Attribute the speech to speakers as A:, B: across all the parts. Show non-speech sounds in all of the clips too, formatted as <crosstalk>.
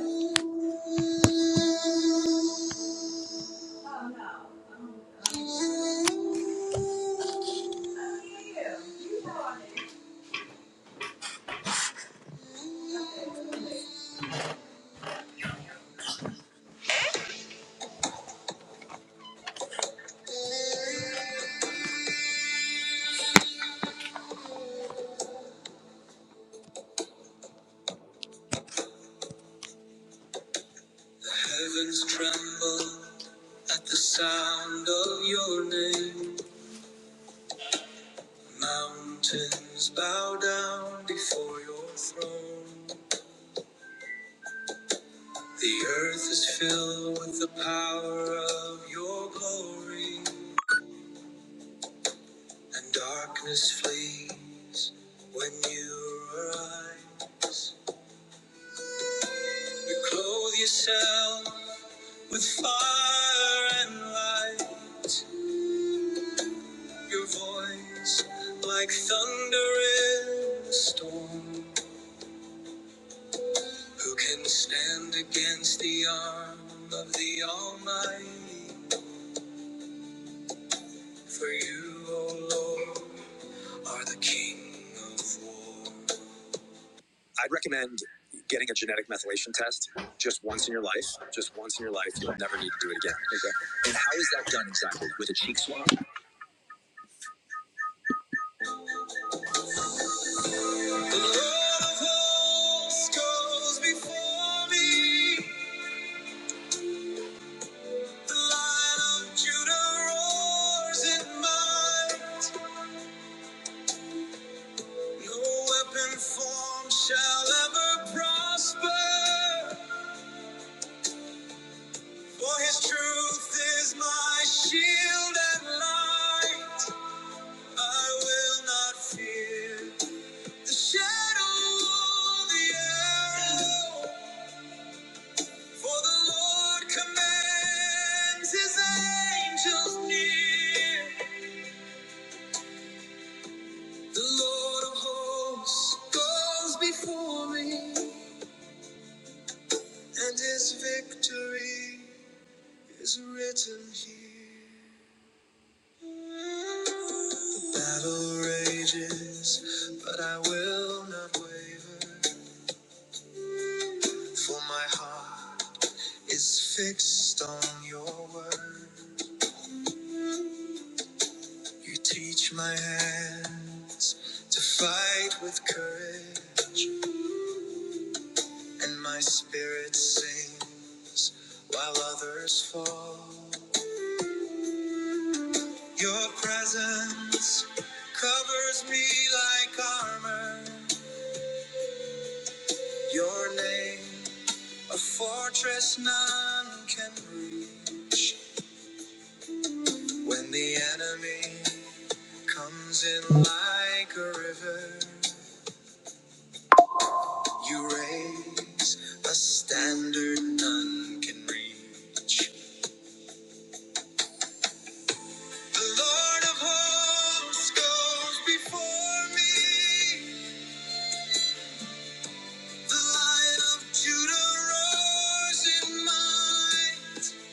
A: Heavens tremble at the sound of your name. Mountains bow down before your throne. The earth is filled with the power of your glory, and darkness flees when you arise. You clothe yourself with fire and light. Your voice like thunder in a storm. Who can stand against the arm of the Almighty? For you, O Lord, are the King of War. I'd recommend getting a genetic methylation test just once in your life. Just once in your life, you'll never need to do it again. Okay. The Lord of hosts goes before me. The Lion of Judah roars in No weapon formed shall ever prosper. For his truth is my shield and light. I will not fear the shadow the arrow. For the Lord commands his angels near. The Lord of hosts goes before me, and his victory is written here. The battle rages, but I will not waver, for my heart is fixed on your word. You teach my hands to fight with courage, and my spirit sings while others fall. Your presence covers me like armor. Your name, a fortress none can reach. When the enemy comes in like a river. You raise a standard none can reach. The Lord of hosts goes before me. The Lion of Judah roars in might.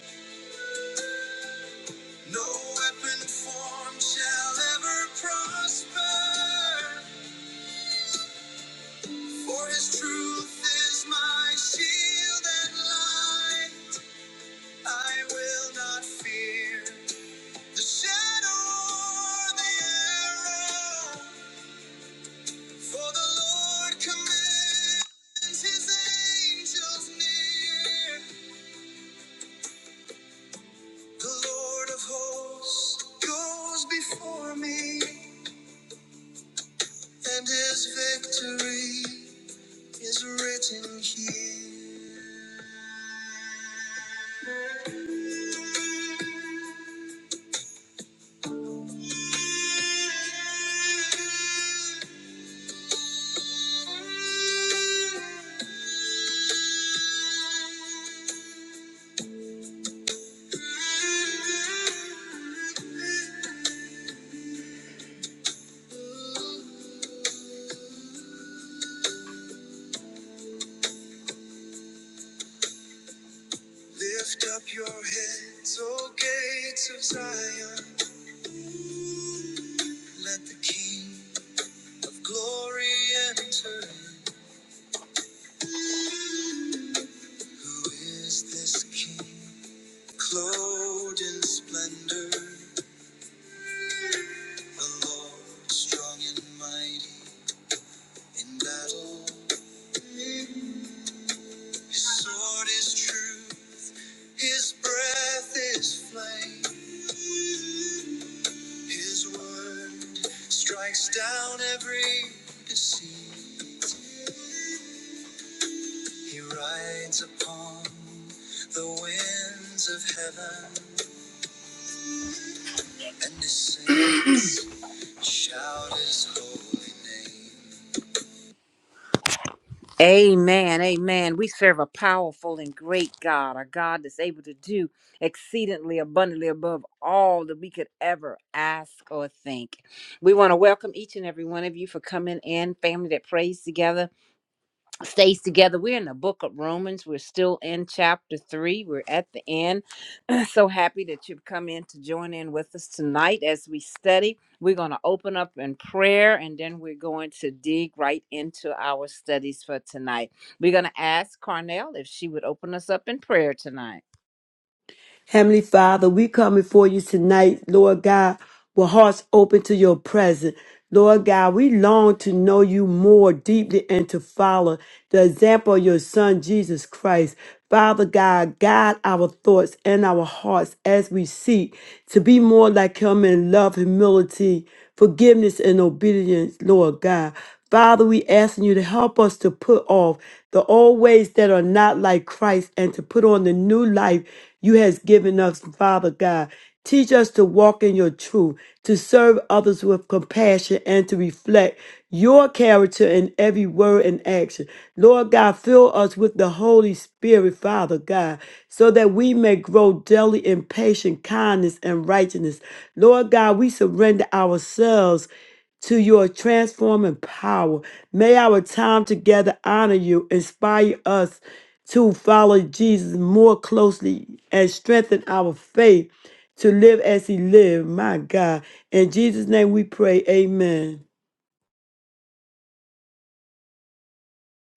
A: No weapon formed shall ever prosper. For his truth is my shield and light. I will not fear. The shadow or the arrow, for the Lord commands his angels near. The Lord of hosts goes before me, and his victory is written here. Lift up your heads, O gates of Zion. Let the King of glory enter. in. Who is this King? Clothed in splendor, the Lord strong and mighty in battle. His sword is true, his breath is flame. His word strikes down every deceit. He rides upon the winds of heaven, and his saints <clears throat> shout his holy name. Amen, amen. We serve a powerful and great God, a God that's able to do exceedingly abundantly above all that we could ever ask or think. We want to welcome each and every one of you for coming in, family that prays together. stays together. We're in the book of Romans. We're still in chapter three. We're at the end. <clears throat> so happy that you've come in to join in with us tonight as we study. We're going to open up in prayer and then we're going to dig right into our studies for tonight. We're going to ask Carnell if she would open us up in prayer tonight.
B: Heavenly Father, we come before you tonight, Lord God, with hearts open to your presence. Lord God, we long to know you more deeply and to follow the example of your Son, Jesus Christ. Father God, guide our thoughts and our hearts as we seek to be more like Him in love, humility, forgiveness, and obedience, Lord God. Father, we asking you to help us to put off the old ways that are not like Christ and to put on the new life you has given us, Father God. Teach us to walk in your truth, to serve others with compassion, and to reflect your character in every word and action. Lord God, fill us with the Holy Spirit, Father God, so that we may grow daily in patience, kindness, and righteousness. Lord God, we surrender ourselves to your transforming power. May our time together honor you, inspire us to follow Jesus more closely, and strengthen our faith to live as He lived. My God. In Jesus' name we pray. Amen.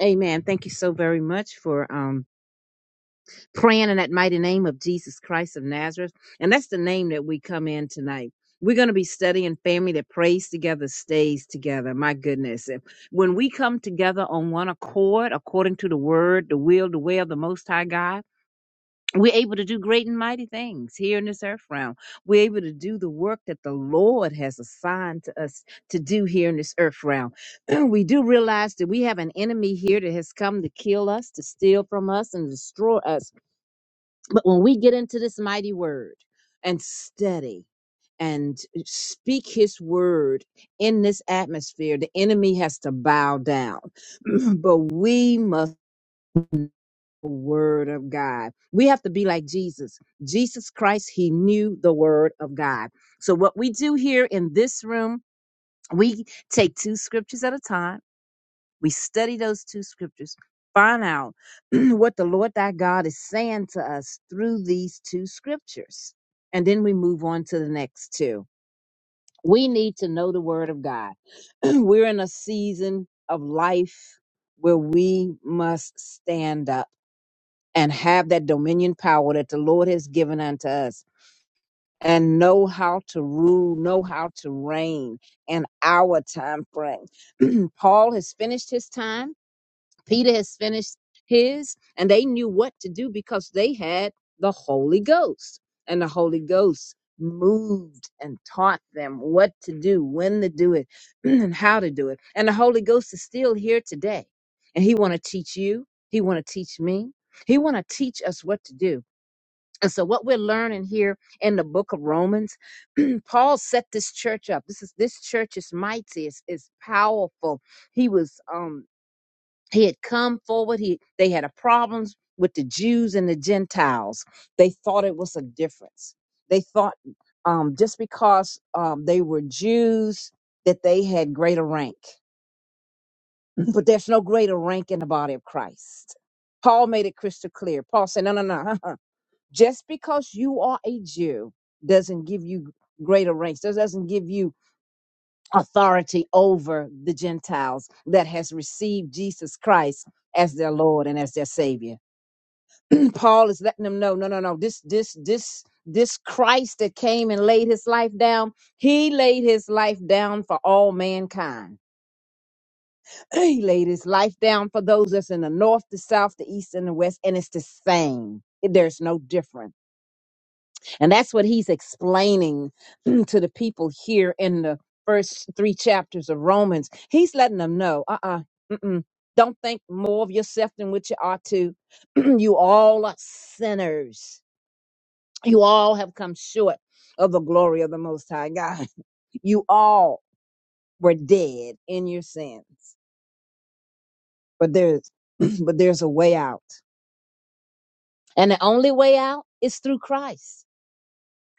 C: Amen. Thank you so very much for um, praying in that mighty name of Jesus Christ of Nazareth. And that's the name that we come in tonight. We're going to be studying family that prays together, stays together. My goodness. If- When we come together on one accord, according to the word, the will, the way of the Most High God, we're able to do great and mighty things here in this earth realm. We're able to do the work that the Lord has assigned to us to do here in this earth realm. <clears throat> we do realize that we have an enemy here that has come to kill us, to steal from us, and destroy us. But when we get into this mighty word and study, and speak his word in this atmosphere. The enemy has to bow down, <clears throat> but we must word of God. We have to be like Jesus. Jesus Christ, he knew the word of God. So what we do here in this room, we take two scriptures at a time. We study those two scriptures, find out <clears throat> what the Lord thy God is saying to us through these two scriptures. And then we move on to the next two. We need to know the word of God. <clears throat> We're in a season of life where we must stand up and have that dominion power that the Lord has given unto us and know how to rule, know how to reign in our time frame. <clears throat> Paul has finished his time Peter has finished his, and they knew what to do because they had the Holy Ghost. And the Holy Ghost moved and taught them what to do, when to do it, <clears throat> and how to do it. And the Holy Ghost is still here today. And he want to teach you, he want to teach me. He want to teach us what to do. And so what we're learning here in the book of Romans, <clears throat> Paul set this church up. This is this church is mighty, it's, it's powerful. He was um he had come forward he they had a problems with the jews and the gentiles they thought it was a difference they thought um, just because um, they were jews that they had greater rank but there's no greater rank in the body of christ paul made it crystal clear paul said no no no <laughs> just because you are a jew doesn't give you greater ranks that doesn't give you authority over the gentiles that has received jesus christ as their lord and as their savior <clears throat> Paul is letting them know, no, no, no, this, this, this, this Christ that came and laid his life down, he laid his life down for all mankind. <clears throat> He laid his life down for those that's in the north, the south, the east, and the west, and it's the same. There's no difference. And that's what he's explaining <clears throat> to the people here in the first three chapters of Romans. He's letting them know, uh uh mm-mm, don't think more of yourself than what you ought to. <clears throat> you all are sinners You all have come short of the glory of the Most High God. <laughs> You all were dead in your sins, but there's <clears throat> but there's a way out, and the only way out is through Christ.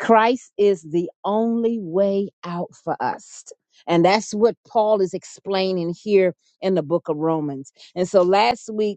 C: Christ is the only way out for us. And that's what Paul is explaining here in the book of Romans. And so last week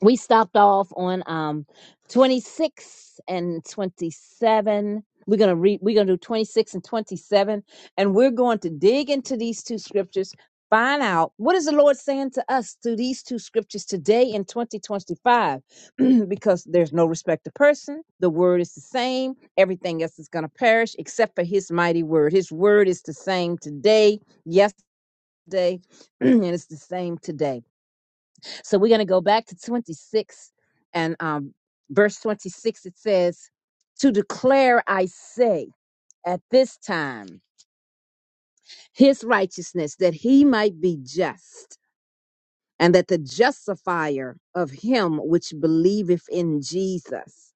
C: we stopped off on um 26 and 27 we're gonna read we're gonna do 26 and 27 and we're going to dig into these two scriptures find out what is the lord saying to us through these two scriptures today in 2025 <clears throat> because there's no respect to person the word is the same everything else is gonna perish except for his mighty word his word is the same today yesterday <clears throat> and it's the same today so we're going to go back to 26 and um, verse 26. It says, To declare, I say, at this time, his righteousness, that he might be just, and that the justifier of him which believeth in Jesus.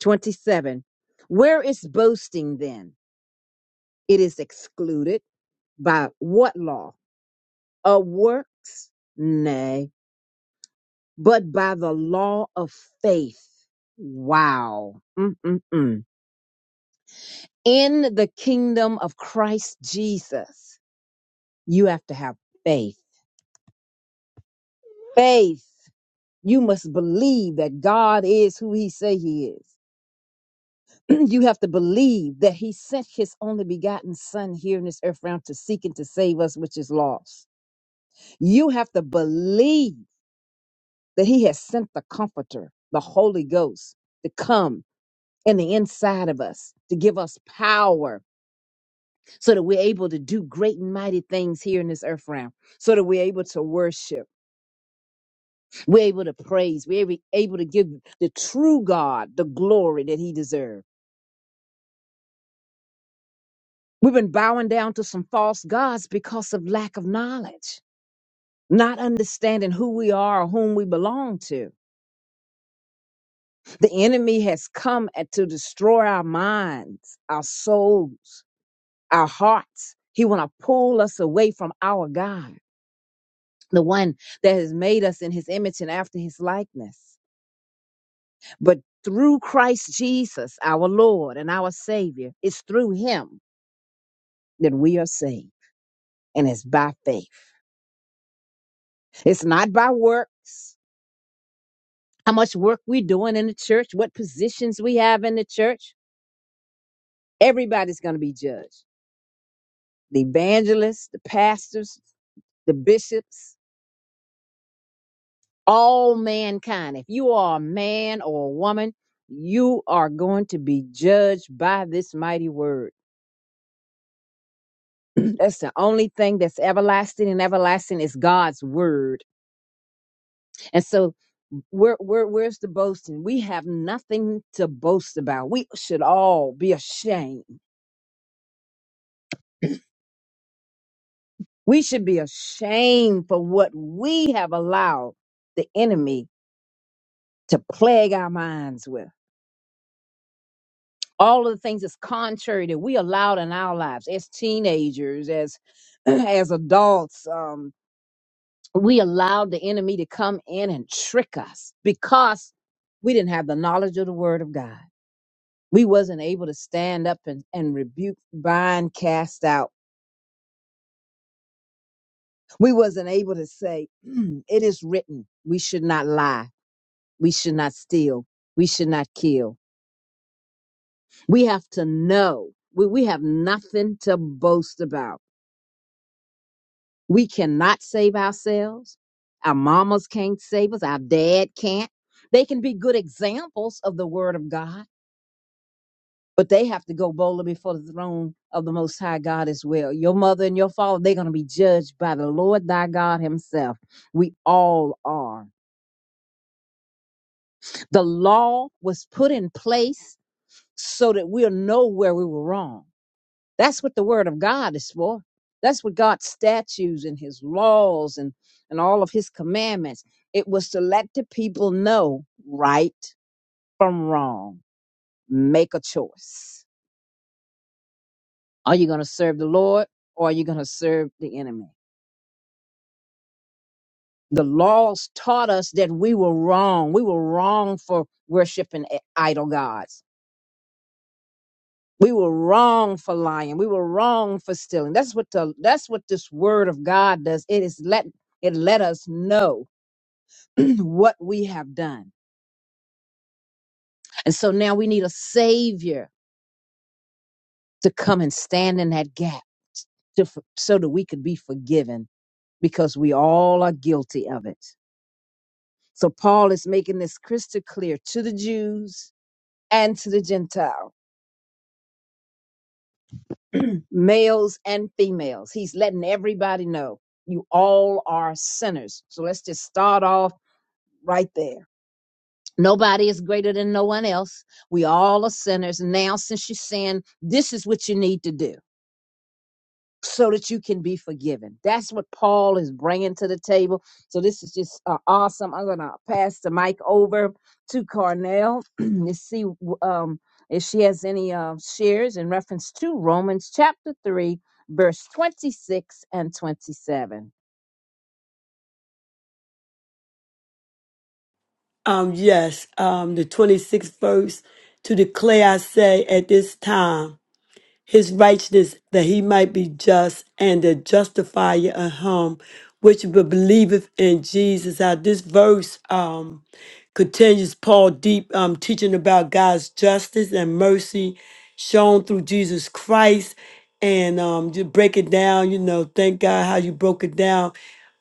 C: 27. Where is boasting then? It is excluded by what law? Of works? Nay but by the law of faith. Wow. Mm-mm-mm. In the kingdom of Christ Jesus, you have to have faith. Faith. You must believe that God is who he say he is. <clears throat> you have to believe that he sent his only begotten son here in this earth realm to seek and to save us, which is lost. You have to believe that he has sent the comforter, the Holy Ghost to come in the inside of us to give us power so that we're able to do great and mighty things here in this earth realm, so that we're able to worship, we're able to praise, we're able able to give the true God the glory that he deserves. We've been bowing down to some false gods because of lack of knowledge, not understanding who we are or whom we belong to. The enemy has come at- to destroy our minds, our souls, our hearts. He want to pull us away from our God. the one that has made us in his image and after his likeness. But through Christ Jesus, our Lord and our Savior, it's through him that we are saved. And it's by faith, it's not by works. How much work we're doing in the church, what positions we have in the church, everybody's going to be judged. The evangelists, the pastors, the bishops, all mankind. If you are a man or a woman, you are going to be judged by this mighty word That's the only thing that's everlasting and everlasting is God's word. And so where where where's the boasting? We have nothing to boast about. We should all be ashamed. We should be ashamed for what we have allowed the enemy to plague our minds with. All of the things that's contrary that we allowed in our lives as teenagers, as <clears throat> as adults, um, we allowed the enemy to come in and trick us because we didn't have the knowledge of the word of god we wasn't able to stand up and, and rebuke bind cast out we wasn't able to say <clears throat> "Mm, it is written we should not lie we should not steal we should not kill we have to know we, we have nothing to boast about we cannot save ourselves our mamas can't save us our dad can't they can be good examples of the word of god but they have to go boldly before the throne of the Most High God as well. Your mother and your father, they're going to be judged by the Lord thy God himself. We all are. The law was put in place so that we'll know where we were wrong. That's what the word of God is for. That's what God's statutes and his laws and, and all of his commandments. It was to let the people know right from wrong. Make a choice Are you going to serve the Lord or are you going to serve the enemy? The laws taught us that we were wrong. We were wrong for worshiping i- idol gods. We were wrong for lying. We were wrong for stealing. That's what the that's what this word of God does. It is let it let us know <clears throat> what we have done. And so now we need a savior to come and stand in that gap to, f- so that we could be forgiven because we all are guilty of it. So Paul is making this crystal clear to the Jews and to the Gentile, <clears throat> males and females. He's letting everybody know you all are sinners. So let's just start off right there. Nobody is greater than no one else. We all are sinners. Now, since you sin, this is what you need to do. so that you can be forgiven. That's what Paul is bringing to the table. So this is just uh, awesome. I'm gonna pass the mic over to Carnell <clears throat> to see um, if she has any uh, shares in reference to Romans chapter three, verse twenty-six and twenty-seven.
B: Um, yes, um, the 26th verse to declare, I say, at this time, his righteousness that he might be just and the justifier of him which believeth in Jesus. Uh, this verse, um, continues Paul deep um, teaching about God's justice and mercy shown through Jesus Christ, and um, you break it down. You know, thank God how you broke it down.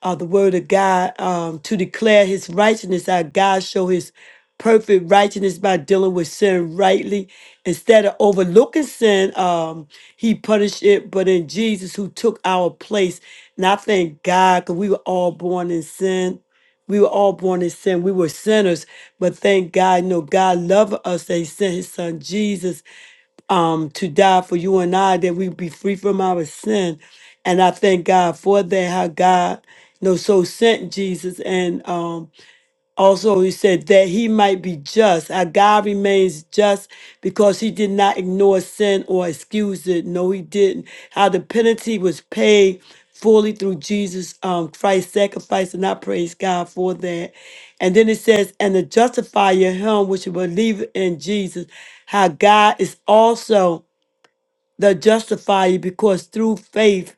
B: Uh, the word of God um, to declare His righteousness, how God show His perfect righteousness by dealing with sin rightly instead of overlooking sin um he punished it but in jesus who took our place and i thank god because we were all born in sin we were all born in sin. We were sinners, but thank God, you know, God loved us. that He sent His Son Jesus um, to die for you and I, that we be free from our sin. And I thank God for that. How God, you know, so sent Jesus, and um, also, he said that he might be just. Our God remains just because he did not ignore sin or excuse it. No, he didn't. How the penalty was paid fully through Jesus um, Christ's sacrifice, and I praise God for that. And then it says, and the justifier, him which believe in Jesus, how God is also the justifier because through faith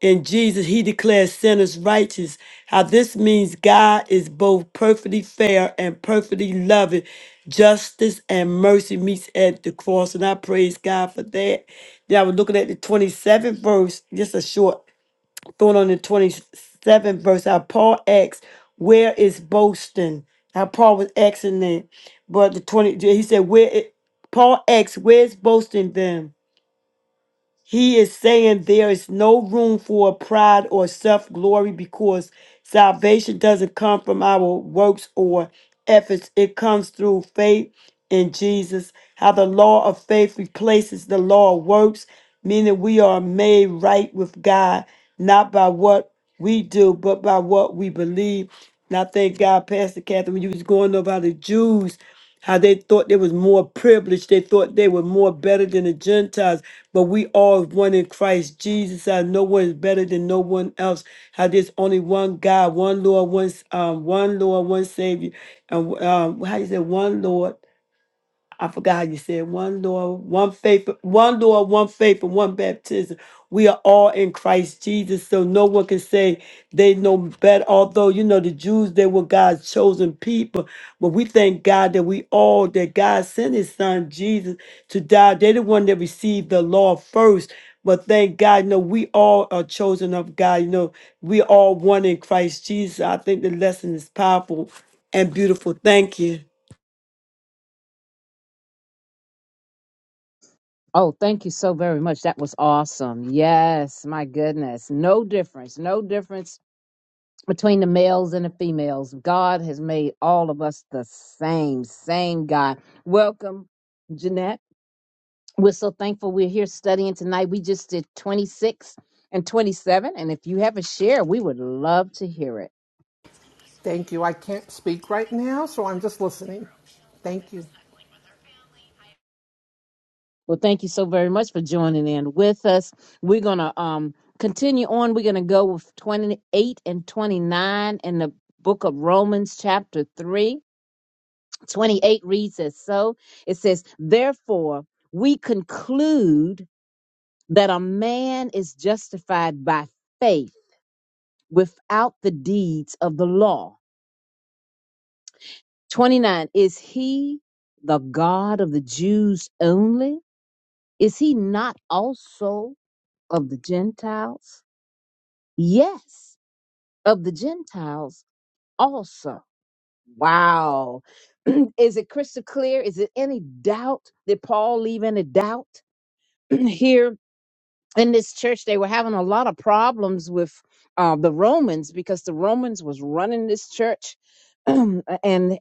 B: in Jesus, he declares sinners righteous. How this means God is both perfectly fair and perfectly loving. Justice and mercy meets at the cross. And I praise God for that. Then I was looking at the 27th verse, just a short thought on the 27th verse. How Paul asks, Where is boasting? How Paul was asking that. But the 20, he said, Where, it, Paul asks, Where's boasting then? He is saying there is no room for pride or self glory because salvation doesn't come from our works or efforts. It comes through faith in Jesus. How the law of faith replaces the law of works, meaning we are made right with God, not by what we do, but by what we believe. And I thank God, Pastor Catherine, when you was going over how the Jews how they thought they was more privileged. They thought they were more better than the Gentiles, but we all is one in Christ Jesus. How no one is better than no one else. How there's only one God, one Lord, one um, one Lord, one Savior, and um, how you say one Lord I forgot you said one Lord, one faith, one Lord, one faith, and one baptism. We are all in Christ Jesus, so no one can say they know better. Although you know the Jews, they were God's chosen people, but we thank God that we all that God sent His Son Jesus to die. They're the one that received the law first. But thank God, you know, we all are chosen of God. You know, we all one in Christ Jesus. I think the lesson is powerful and beautiful. Thank you.
C: Oh, thank you so very much. That was awesome. Yes, my goodness. No difference. No difference between the males and the females. God has made all of us the same, same God. Welcome, Jeanette. We're so thankful we're here studying tonight. We just did 26 and 27. And if you have a share, we would love to hear it.
D: Thank you. I can't speak right now, so I'm just listening. Thank you.
C: Well, thank you so very much for joining in with us. We're going to um, continue on. We're going to go with 28 and 29 in the book of Romans, chapter 3. 28 reads as so it says, Therefore, we conclude that a man is justified by faith without the deeds of the law. 29 Is he the God of the Jews only? Is he not also of the Gentiles? Yes, of the Gentiles also. Wow. <clears throat> is it crystal clear? Is it any doubt? Did Paul leave any doubt <clears throat> here? in this church they were having a lot of problems with uh, the romans because the romans was running this church <clears throat> and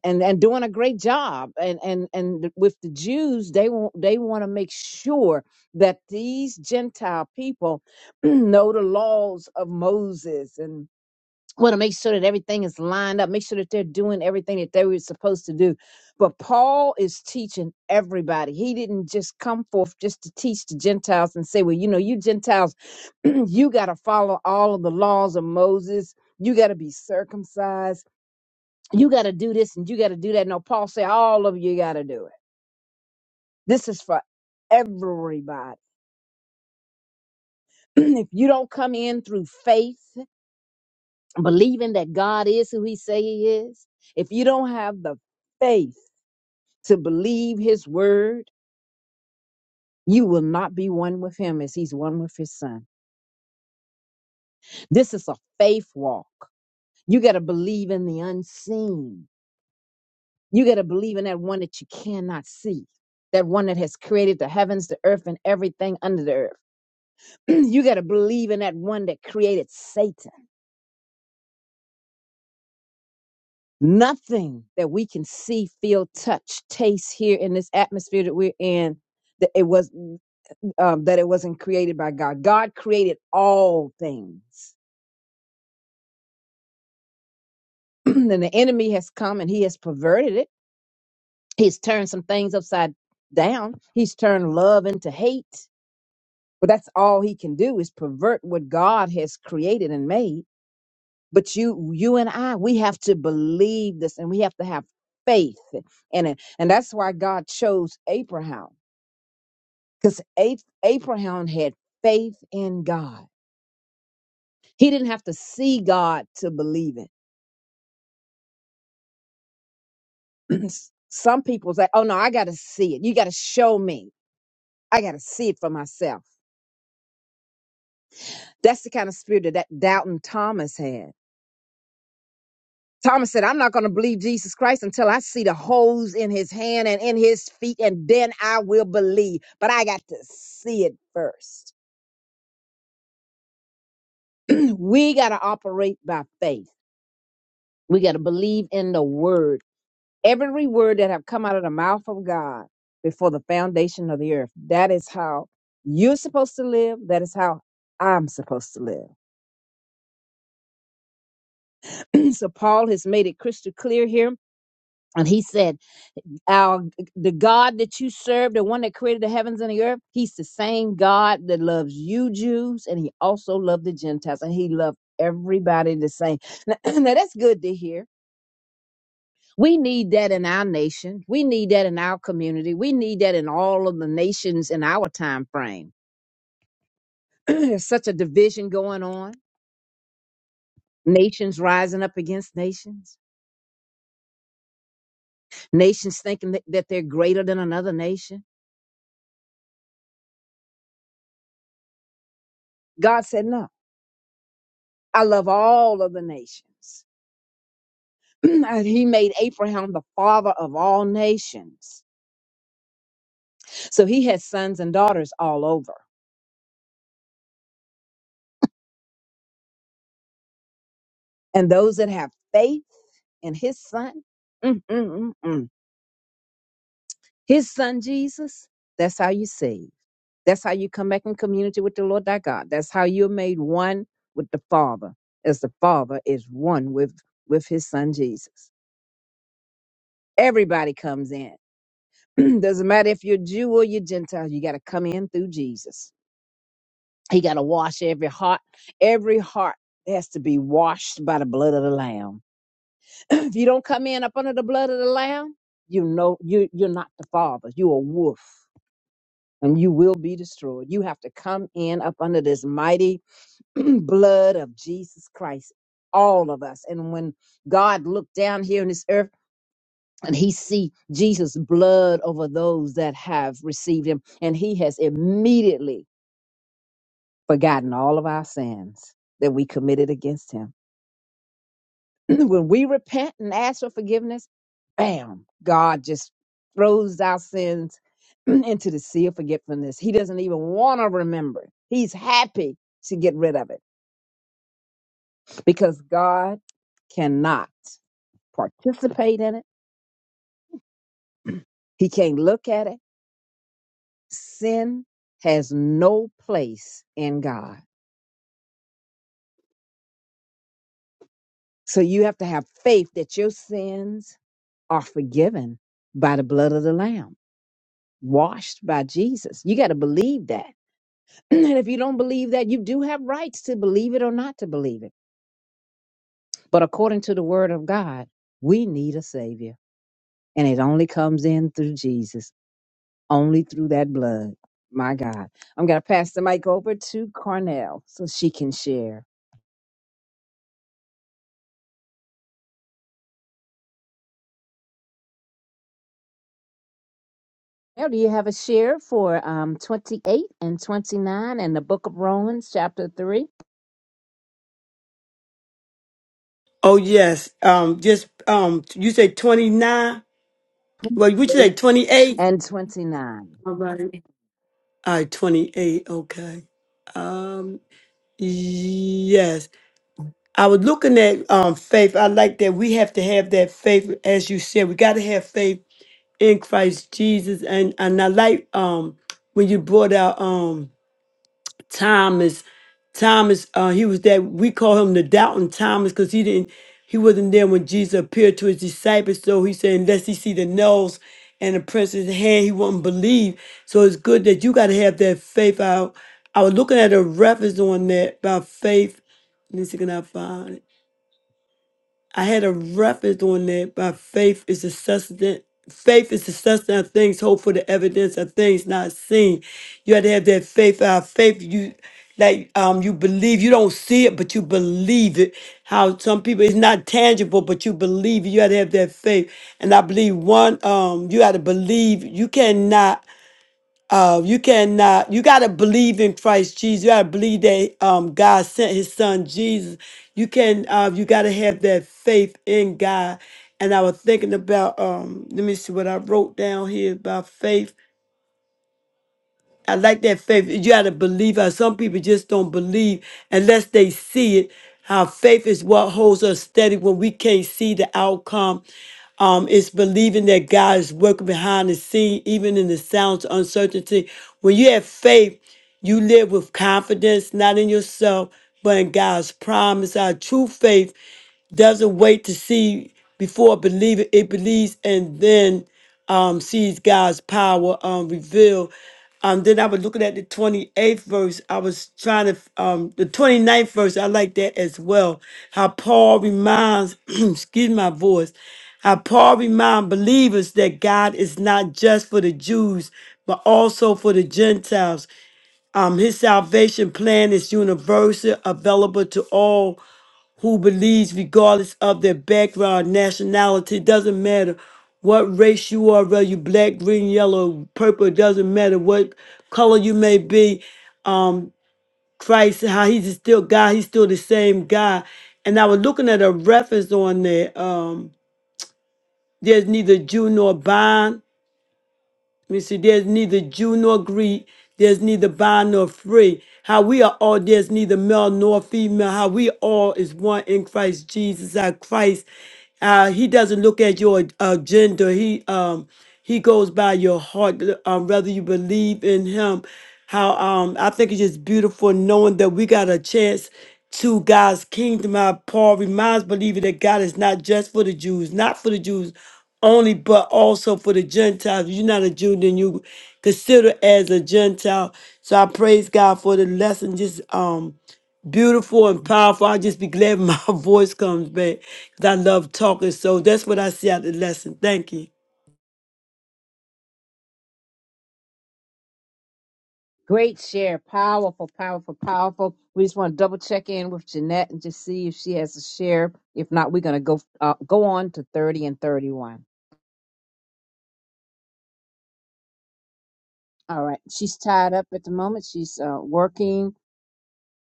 C: and and doing a great job and and and with the jews they want they want to make sure that these gentile people <clears throat> know the laws of moses and want to make sure that everything is lined up, make sure that they're doing everything that they were supposed to do. But Paul is teaching everybody. He didn't just come forth just to teach the Gentiles and say, well, you know, you Gentiles, <clears throat> you got to follow all of the laws of Moses. You got to be circumcised. You got to do this and you got to do that. No, Paul said, all of you got to do it. This is for everybody. <clears throat> if you don't come in through faith, believing that God is who he say he is, if you don't have the faith to believe his word, you will not be one with him as he's one with his son. This is a faith walk. You got to believe in the unseen. You got to believe in that one that you cannot see. That one that has created the heavens, the earth, and everything under the earth. <clears throat> you got to believe in that one that created Satan. Nothing that we can see, feel, touch, taste here in this atmosphere that we're in, that it was um, that it wasn't created by God. God created all things, <clears throat> and the enemy has come and he has perverted it. He's turned some things upside down. He's turned love into hate. But that's all he can do is pervert what God has created and made. But you, you and I, we have to believe this, and we have to have faith, in it, and that's why God chose Abraham. because Abraham had faith in God. He didn't have to see God to believe it. <clears throat> Some people say, "Oh no, I got to see it. You got to show me. I got to see it for myself." That's the kind of spirit that, that doubting Thomas had. Thomas said, "I'm not going to believe Jesus Christ until I see the holes in his hand and in his feet, and then I will believe. But I got to see it first. <clears throat> we got to operate by faith. We got to believe in the word." every word that have come out of the mouth of God before the foundation of the earth. That is how you're supposed to live. That is how I'm supposed to live. <clears throat> so Paul has made it crystal clear here. And he said, Our the God that you serve, the one that created the heavens and the earth, he's the same God that loves you Jews, and he also loved the Gentiles, and he loved everybody the same. <clears throat> Now, now that's good to hear We need that in our nation. We need that in our community. We need that in all of the nations in our time frame. <clears throat> There's such a division going on. Nations rising up against nations. Nations thinking that, that they're greater than another nation. God said, No, I love all of the nations. <clears throat> And he made Abraham the father of all nations. So he has sons and daughters all over. And those that have faith in his son, mm, mm, mm, mm. His son Jesus, that's how you save. That's how you come back in community with the Lord thy God. That's how you're made one with the Father, as the Father is one with, with his son Jesus. Everybody comes in. <clears throat> Doesn't matter if you're Jew or you're Gentile, you got to come in through Jesus. He got to wash every heart. Every heart has to be washed by the blood of the Lamb. <clears throat> if you don't come in up under the blood of the Lamb, you know you, you're not the Father. You're a wolf. and you will be destroyed. You have to come in up under this mighty <clears throat> blood of Jesus Christ, all of us. And when God looked down here on this earth and he see Jesus' blood over those that have received him, and he has immediately forgotten all of our sins that we committed against him <clears throat> when we repent and ask for forgiveness, bam, God just throws our sins <clears throat> into the sea of forgetfulness. He doesn't even want to remember. He's happy to get rid of it because God cannot participate in it. He can't look at it. Sin has no place in God. So you have to have faith that your sins are forgiven by the blood of the Lamb, washed by Jesus. You got to believe that <clears throat> and if you don't believe that, you do have rights to believe it or not to believe it. But according to the word of God, we need a savior. And it only comes in through Jesus, only through that blood. My God. I'm going to pass the mic over to Cornell so she can share. Now, do you have a share for um, 28 and 29 in the book of Romans, chapter three,
B: Oh yes. Um, just um, you say twenty nine.
C: twenty
B: Well, would you say
C: eight
B: twenty eight?
C: and 29?
B: All right. All right, twenty eight. Okay. Um, yes. I was looking at um faith. I like that we have to have that faith, as you said. We got to have faith in Christ Jesus, and and I like um when you brought out um. Thomas. Thomas, uh, he was that we call him the doubting Thomas because he didn't, he wasn't there when Jesus appeared to his disciples. So he said, unless he see the nails and the prints in his hand, he won't believe. So it's good that you got to have that faith. I, I was looking at a reference on that about faith. Let me see, can I find it? I had a reference on that by faith is the sustenance. Faith is the sustenance of things hoped for, the evidence of things not seen. You had to have that faith. Our faith, you like um, you believe. You don't see it, but you believe it. How some people it's not tangible, but you believe. it. You had to have that faith. And I believe one, um, you had to believe. You cannot uh, you cannot. You got to believe in Christ Jesus. You got to believe that um, God sent His Son Jesus. You can. Uh, you got to have that faith in God. And I was thinking about. Um, let me see what I wrote down here about faith. I like that faith. You got to believe how some people just don't believe unless they see it. How faith is what holds us steady when we can't see the outcome. Um, it's believing that God is working behind the scene, even in the sounds of uncertainty. When you have faith, you live with confidence, not in yourself, but in God's promise. Our true faith doesn't wait to see before believing it believes and then um, sees God's power um, revealed. Um, then I was looking at the 28th verse. I was trying to, um, the ninth verse, I like that as well. How Paul reminds, <clears throat> excuse my voice, how Paul reminds believers that God is not just for the Jews, but also for the Gentiles. Um, his salvation plan is universal, available to all who believes, regardless of their background, nationality, doesn't matter what race you are, whether you black, green, yellow, purple, it doesn't matter what color you may be. Um, Christ, how he's just still God, he's still the same God. And I was looking at a reference on there. Um, there's neither Jew nor bond, we see there's neither Jew nor Greek, there's neither bond nor free. How we are all, there's neither male nor female. How we all is one in Christ Jesus, our Christ. Uh, he doesn't look at your uh, gender. He um he goes by your heart, um, whether you believe in him. How um I think it's just beautiful knowing that we got a chance to God's kingdom. How Paul reminds believers that God is not just for the Jews, not for the Jews only but also for the Gentiles. If you're not a Jew, then you consider as a Gentile. So I praise God for the lesson. Just um beautiful and powerful. I'll just be glad when my <laughs> voice comes back. Cause I love talking. So that's what I see out of the lesson. Thank you.
C: Great share. Powerful, powerful, powerful. We just want to double check in with Jeanette and just see if she has a share. If not, we're going to go uh, go on to 30 and 31. All right. She's tied up at the moment. She's uh, working.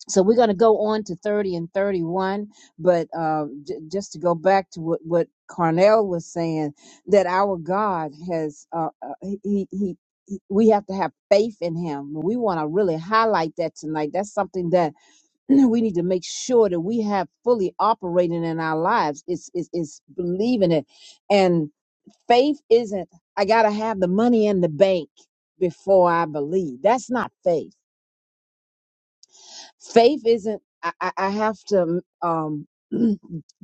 C: So we're going to go on to 30 and 31. But uh, j- just to go back to what, what Carnell was saying, that our God has, uh, uh, he, he, he- we have to have faith in him. We want to really highlight that tonight. That's something that <clears throat> we need to make sure that we have fully operating in our lives. It's, it's, it's believing it. And faith isn't, I got to have the money in the bank before I believe. That's not faith. Faith isn't, I, I I have to um, <clears throat>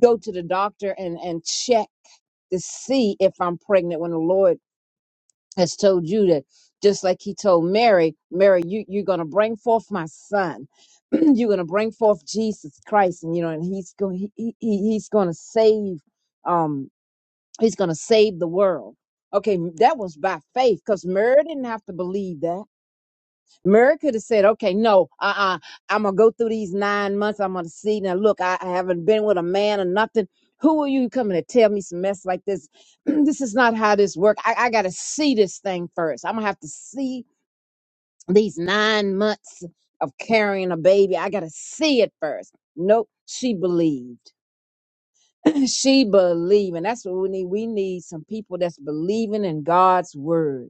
C: go to the doctor and, and check to see if I'm pregnant when the Lord has told you that just like he told Mary, Mary, you, you're gonna bring forth my son. <clears throat> you're gonna bring forth Jesus Christ, and you know, and he's going he, he he- he's gonna save um he's gonna save the world. Okay, that was by faith because Mary didn't have to believe that. Mary could have said, okay, no, uh uh-uh, uh, gonna go through these nine months. I'm gonna see. Now, look, I, I haven't been with a man or nothing. Who are you coming to tell me some mess like this? <clears throat> this is not how this works. I, I gotta see this thing first. I'm gonna have to see these nine months of carrying a baby. I gotta see it first. Nope, she believed. <clears throat> she believed. And that's what we need. We need some people that's believing in God's word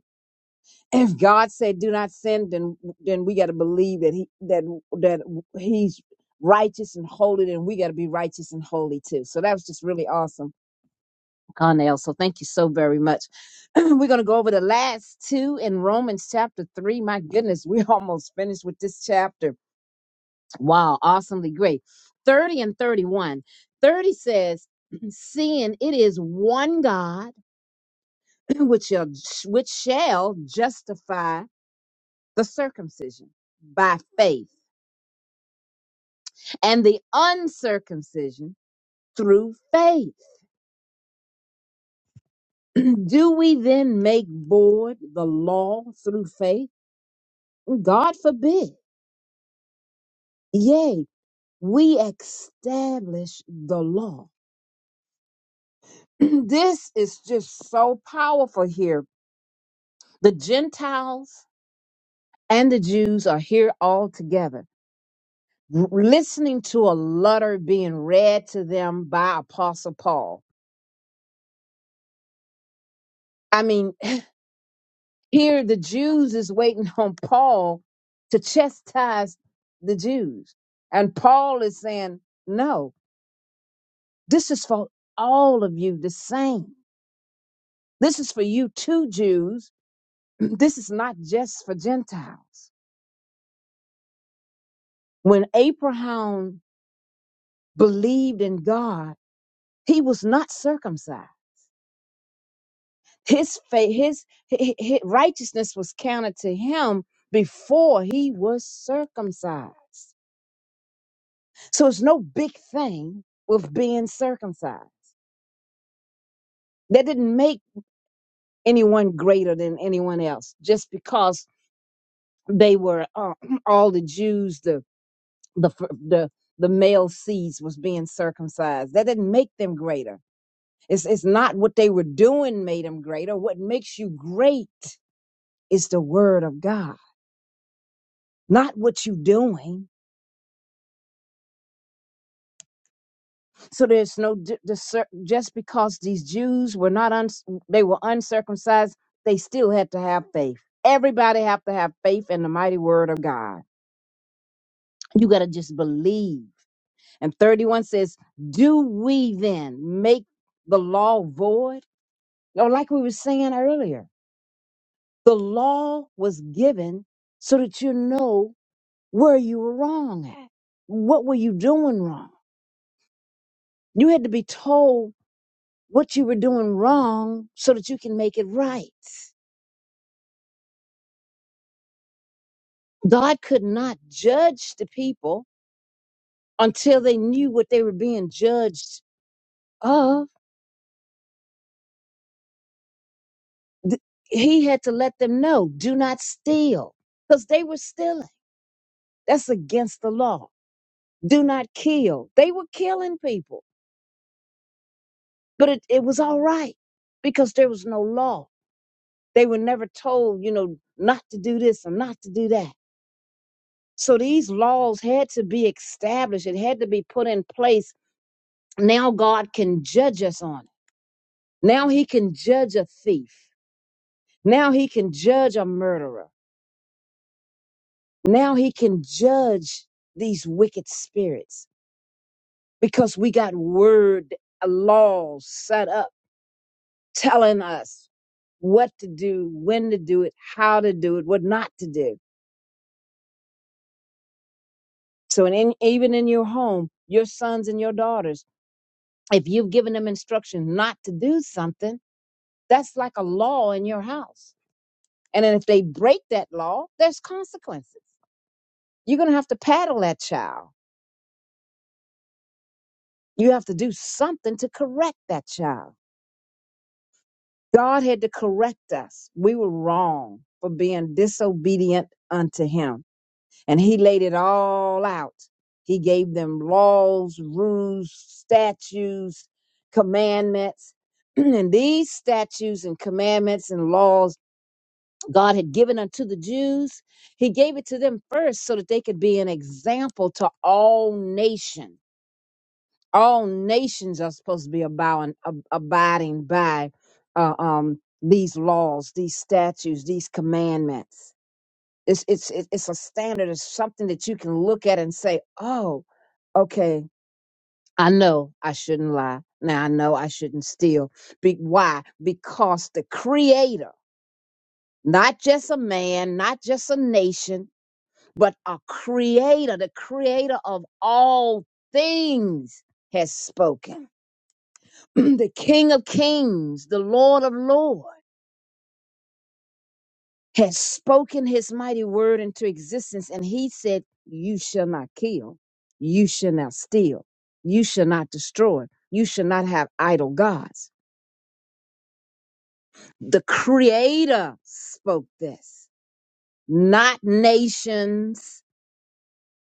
C: if God said do not sin, then then we got to believe that he that that he's righteous and holy, and we got to be righteous and holy too. So that was just really awesome, Carnell. So thank you so very much. <clears throat> We're gonna go over the last two in Romans chapter three. My goodness, we <laughs> almost finished with this chapter. Wow, awesomely great. Thirty and thirty-one. Thirty says, <clears throat> "Seeing it is one God <clears throat> which shall which shall justify." the circumcision by faith and the uncircumcision through faith. <clears throat> Do we then make void the law through faith? God forbid. Yea, we establish the law. <clears throat> this is just so powerful here. The Gentiles and the Jews are here all together, r- listening to a letter being read to them by Apostle Paul. I mean, Here, the Jews is waiting <laughs> on Paul to chastise the Jews. And Paul is saying, no, this is for all of you the same. This is for you too, Jews. <clears throat> This is not just for Gentiles. When Abraham believed in God, he was not circumcised. His faith, his, hi- hi- hi- righteousness was counted to him before he was circumcised. So it's no big thing with being circumcised. That didn't make anyone greater than anyone else just because they were uh, <clears throat> all the Jews, the the f- the the male seeds was being circumcised. That didn't make them greater. It's it's not what they were doing made them greater. What makes you great is the word of God, not what you are doing. So there's no di- discer- just because these Jews were not un- they were uncircumcised, they still had to have faith. Everybody have to have faith in the mighty word of God. You got to just believe. And 31 says, "Do we then make the law void?" No, like we were saying earlier, the law was given so that you know where you were wrong at. What were you doing wrong? You had to be told what you were doing wrong so that you can make it right. God could not judge the people until they knew what they were being judged of. Th- He had to let them know do not steal because they were stealing. That's against the law. Do not kill. They were killing people, but it, it was all right because there was no law. They were never told, you know, not to do this or not to do that. So these laws had to be established. It had to be put in place now God can judge us on it. Now he can judge a thief. Now he can judge a murderer. Now he can judge these wicked spirits because we got word uh, laws set up telling us what to do, when to do it, how to do it, what not to do. So, in, even in your home, your sons and your daughters, if you've given them instruction not to do something, that's like a law in your house And then if they break that law, there's consequences. You're going to have to paddle that child. You have to do something to correct that child. God had to correct us. We were wrong for being disobedient unto him. And he laid it all out. He gave them laws, rules, statutes, commandments. <clears throat> and these statutes and commandments and laws God had given unto the Jews, he gave it to them first so that they could be an example to all nations. All nations are supposed to be abowing, ab- abiding by uh, um, these laws, these statutes, these commandments. It's, it's, it- it's a standard, it's something that you can look at and say, oh, okay, I know I shouldn't lie. Now I know I shouldn't steal. Be- why? Because the Creator, not just a man, not just a nation, but a creator, the creator of all things has spoken. <clears throat> the King of kings, the Lord of lords has spoken his mighty word into existence. And he said, You shall not kill, you shall not steal, you shall not destroy, you shall not have idol gods. The creator spoke this, not nations.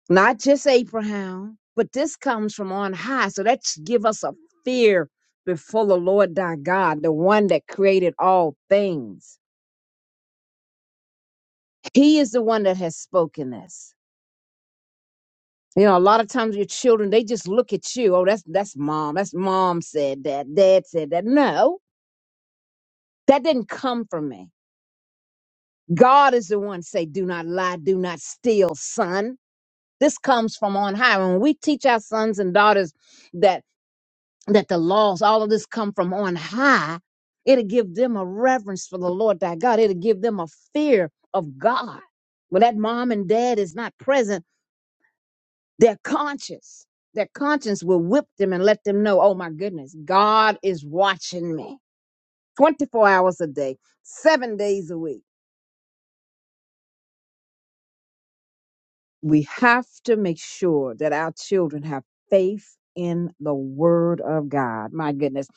C: not just Abraham, but this comes from on high. So that should give us a fear before the Lord thy God, the one that created all things. He is the one that has spoken this. You know, a lot of times your children, they just look at you. Oh, that's that's mom. That's mom said that. Dad said that. No, that didn't come from me. God is the one say, do not lie, do not steal, son. This comes from on high. When we teach our sons and daughters that that the laws, all of this come from on high, it'll give them a reverence for the Lord thy God. It'll give them a fear of God. When that mom and dad is not present, their conscience, their conscience will whip them and let them know, oh my goodness, God is watching me 24 hours a day, seven days a week. we have to make sure that our children have faith in the word of God. My goodness.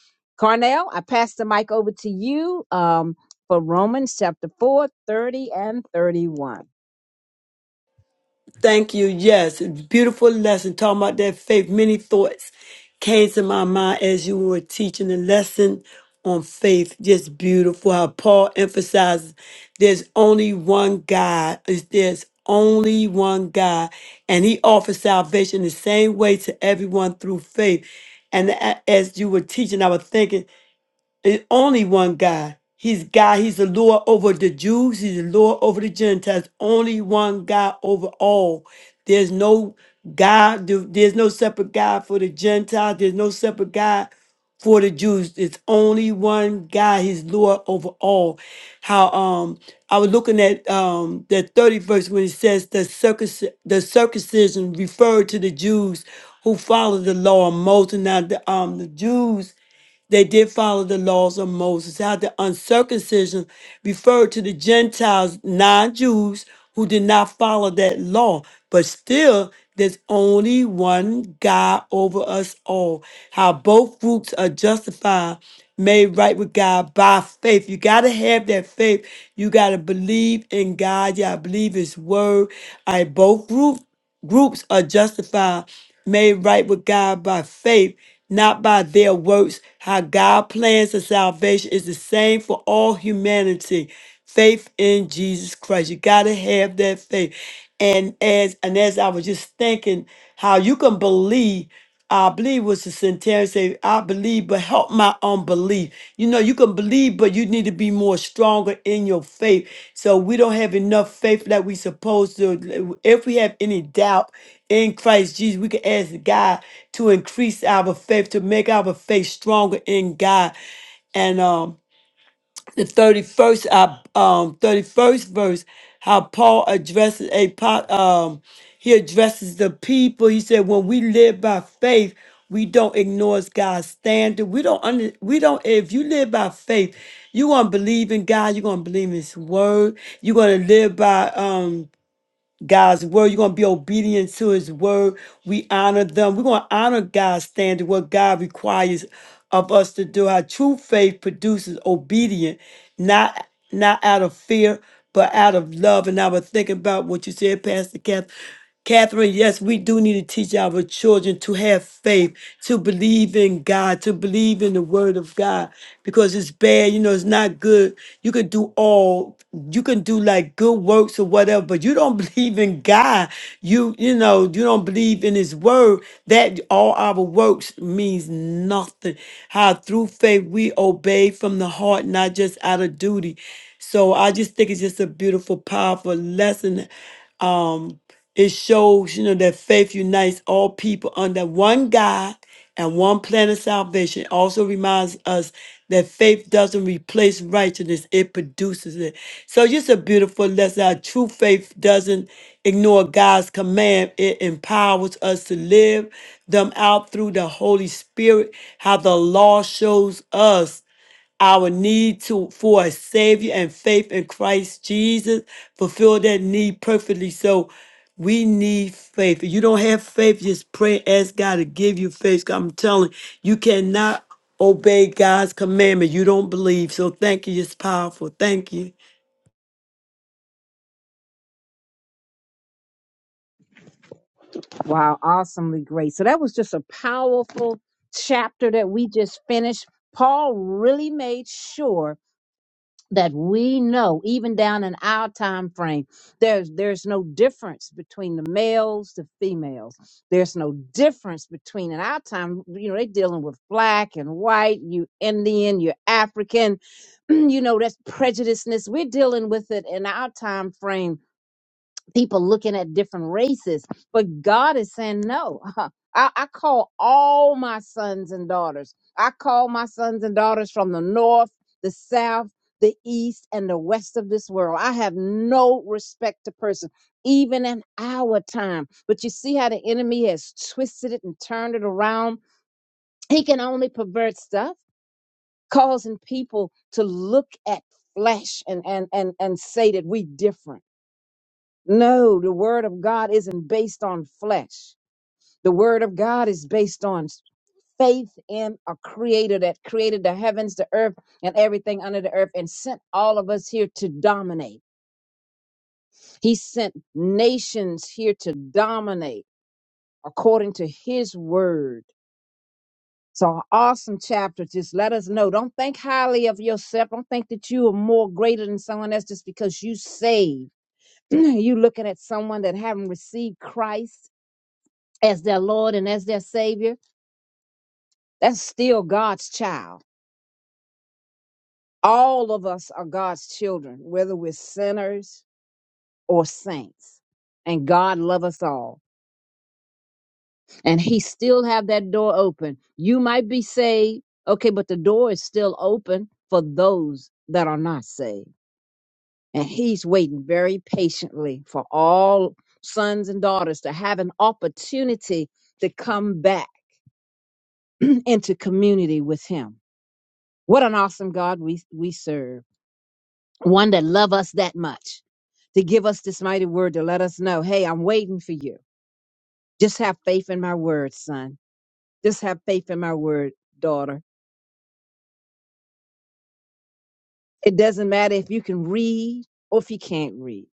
C: Carnell, I pass the mic over to you um, for Romans chapter 4 30 and 31.
B: Thank you. Yes, beautiful lesson. Talking about that faith. Many thoughts came to my mind as you were teaching the lesson on faith. Just beautiful how Paul emphasizes there's only one God. Is There's only one God, and He offers salvation the same way to everyone through faith. And a- as you were teaching, I was thinking is only one God. He's God. He's the Lord over the Jews. He's the Lord over the Gentiles. Only one God over all. There's no God. There's no separate God for the Gentiles. There's no separate God for the Jews. It's only one God. He's Lord over all. How um I was looking at um the 30th verse when it says the circus the circumcision referred to the Jews who follow the law of Moses. Now the um the Jews they did follow the laws of Moses. How the uncircumcision referred to the Gentiles, non Jews, who did not follow that law. But still, there's only one God over us all. How both groups are justified, made right with God by faith. You got to have that faith. You got to believe in God. Yeah, I believe His word. I both groups groups are justified, made right with God by faith, not by their works. How God plans the salvation is the same for all humanity. Faith in Jesus Christ. You gotta have that faith. And as and as I was just thinking, how you can believe. I believe was the centenarian say, I believe, but help my unbelief. You know, you can believe, but you need to be more stronger in your faith. So we don't have enough faith that we supposed to. If we have any doubt in Christ Jesus, we can ask God to increase our faith, to make our faith stronger in God. And um the 31st uh, um 31st verse how paul addresses a po- um he addresses the people he said when we live by faith we don't ignore god's standard we don't under, we don't if you live by faith you're gonna believe in god you're gonna believe in his word you're gonna live by um God's word. You're going to be obedient to his word. We honor them. We're going to honor God's standard, what God requires of us to do. Our true faith produces obedience, not not out of fear, but out of love. And I was thinking about what you said, Pastor Kath. Catherine, yes, we do need to teach our children to have faith, to believe in God, to believe in the word of God, because it's bad, you know, it's not good. You can do all, you can do like good works or whatever, but you don't <laughs> believe in God. You, you know, you don't believe in his word. That all our works means nothing. How through faith we obey from the heart, not just out of duty. So I just think it's just a beautiful, powerful lesson it shows, you know, that faith unites all people under one God and one plan of salvation. It also reminds us that faith doesn't replace righteousness, it produces it. So just a beautiful lesson. Our true faith doesn't ignore God's command. It empowers us to live them out through the Holy Spirit, how the law shows us our need to for a savior and faith in Christ Jesus, fulfill that need perfectly. So we need faith. If you don't have faith, just pray, ask God to give you faith. 'Cause I'm telling you, you cannot obey God's commandment. You don't believe. So thank you. It's powerful. Thank you.
C: Wow, awesomely great. So that was just a powerful chapter that we just finished. Paul really made sure that we know even down in our time frame there's there's no difference between the males the females there's no difference between in our time you know they're dealing with black and white you indian you african <clears throat> you know that's prejudiceness we're dealing with it in our time frame people looking at different races. But God is saying, no, <laughs> I, I call all my sons and daughters. I call my sons and daughters from the north, the south, the east, and the west of this world. I have no respect to person, even in our time. But you see how the enemy has twisted it and turned it around? He can only pervert stuff, causing people to look at flesh and and and and say that we different no, the word of God isn't based on flesh. The word of God is based on faith in a creator that created the heavens, the earth, and everything under the earth and sent all of us here to dominate. He sent nations here to dominate according to his word. So an awesome chapter. Just let us know. Don't think highly of yourself. Don't think that you are more greater than someone else just because you saved. <clears throat> you looking at someone that haven't received Christ as their Lord and as their Savior, that's still God's child. All of us are God's children, whether we're sinners or saints. And God loves us all. And he still have that door open. You might be saved, okay, but the door is still open for those that are not saved. And he's waiting very patiently for all sons and daughters to have an opportunity to come back <clears throat> into community with him What an awesome God we, we serve. One that loves us that much to give us this mighty word to let us know, hey, I'm waiting for you. Just have faith in my word, son. Just have faith in my word, daughter. It doesn't matter if you can read or if you can't read.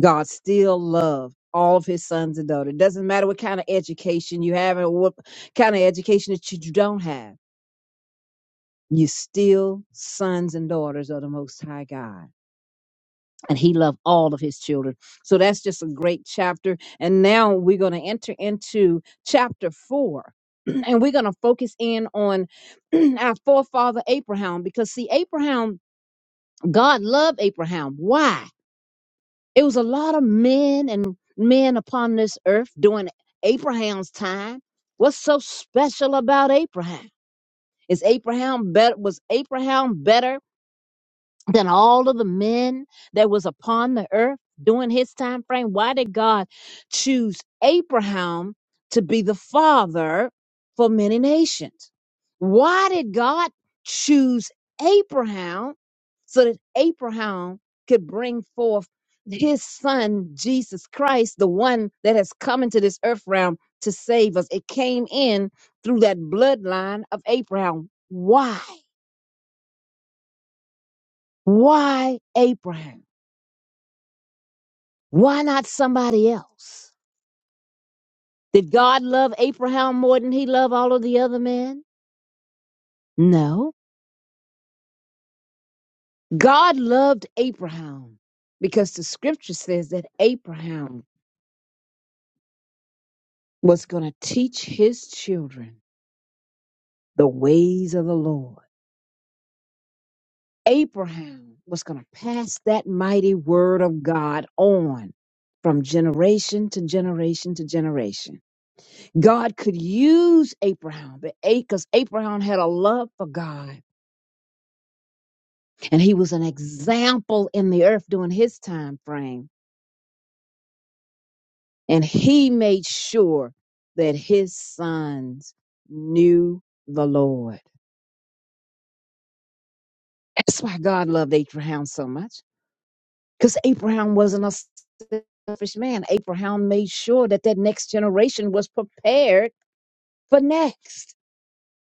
C: God still loves all of his sons and daughters. It doesn't matter what kind of education you have or what kind of education that you don't have. you still sons and daughters of the Most High God and he loved all of his children. So that's just a great chapter. And now we're going to enter into chapter four. <clears throat> And we're going to focus in on <clears throat> our forefather Abraham because, see, Abraham, God loved Abraham. Why? It was a lot of men and men upon this earth during Abraham's time. What's so special about Abraham? Is Abraham better? Was Abraham better? than all of the men that was upon the earth during his time frame why did god choose abraham to be the father for many nations why did god choose abraham so that abraham could bring forth his son jesus christ the one that has come into this earth realm to save us it came in through that bloodline of abraham why why abraham Why not somebody else? Did God love Abraham more than he loved all of the other men? No. God loved Abraham because the scripture says that Abraham was going to teach his children the ways of the Lord. Abraham was going to pass that mighty word of God on from generation to generation to generation. God could use Abraham because Abraham had a love for God and he was an example in the earth during his time frame and he made sure that his sons knew the lord that's why god loved abraham so much because abraham wasn't a selfish man abraham made sure that that next generation was prepared for next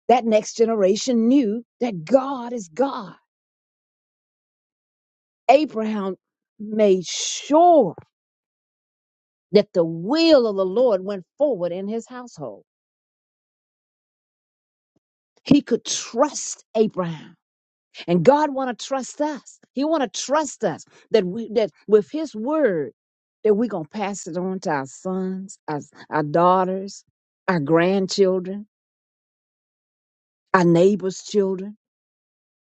C: that next generation knew that god is god abraham made sure that the will of the lord went forward in his household He could trust Abraham. And God want to trust us. He want to trust us that we that with his word that we're gonna pass it on to our sons, our, our daughters, our grandchildren, our neighbors' children,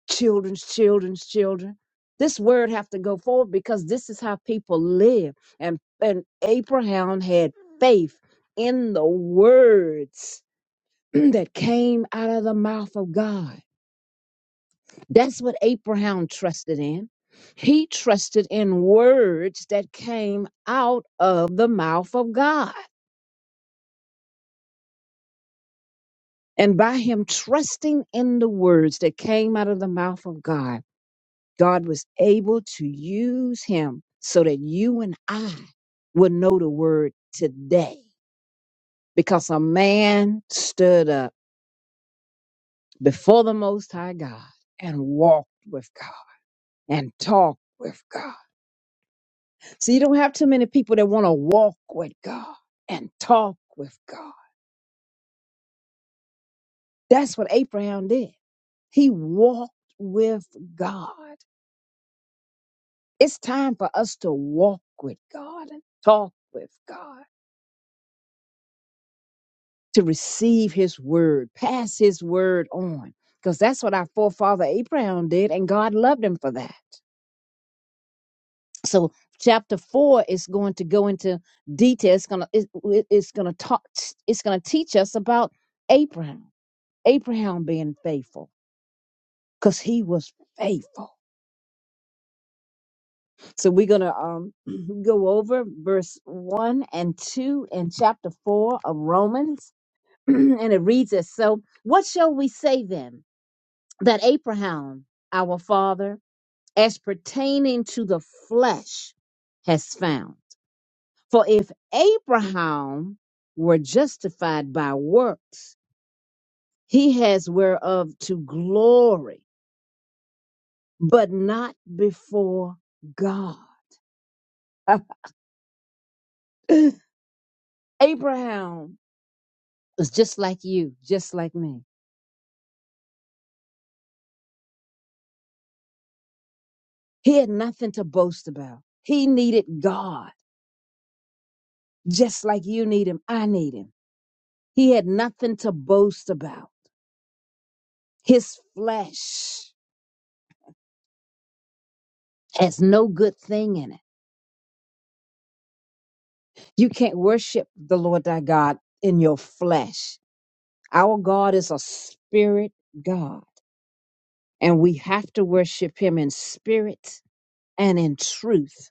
C: children's children's children. This word have to go forward because this is how people live. And and Abraham had faith in the words <clears throat> that came out of the mouth of God. That's what Abraham trusted in. He trusted in words that came out of the mouth of God. And by him trusting in the words that came out of the mouth of God, God was able to use him so that you and I would know the word today. Because a man stood up before the Most High God and walked with God and talked with God So you don't have too many people that want to walk with God and talk with God. That's what Abraham did. He walked with God. It's time for us to walk with God and talk with God, to receive his word, pass his word on, because that's what our forefather Abraham did, and God loved him for that. So chapter four is going to go into detail. It's gonna it, it- it's gonna talk. It's gonna teach us about Abraham. Abraham being faithful because he was faithful. So we're going to um, <clears throat> go over verse 1 and 2 in chapter 4 of Romans. <clears throat> and it reads as So, what shall we say then? That Abraham, our father, as pertaining to the flesh, has found. For if Abraham were justified by works, he has whereof to glory, but not before God. <laughs> Abraham was just like you, just like me. He had nothing to boast about. He needed God, just like you need him. I need him. He had nothing to boast about. His flesh has no good thing in it. You can't worship the Lord thy God in your flesh. Our God is a spirit God, and we have to worship him in spirit and in truth.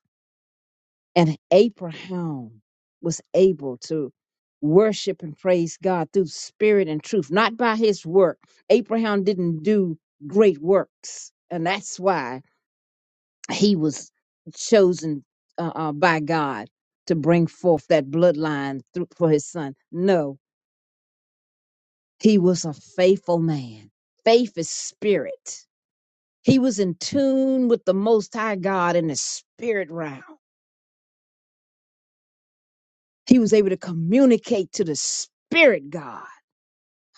C: And Abraham was able to worship and praise God through spirit and truth, not by his work. Abraham didn't do great works, and that's why he was chosen uh, uh, by God to bring forth that bloodline through, for his son. No, he was a faithful man. Faith is spirit. He was in tune with the Most High God in the spirit realm. He was able to communicate to the spirit God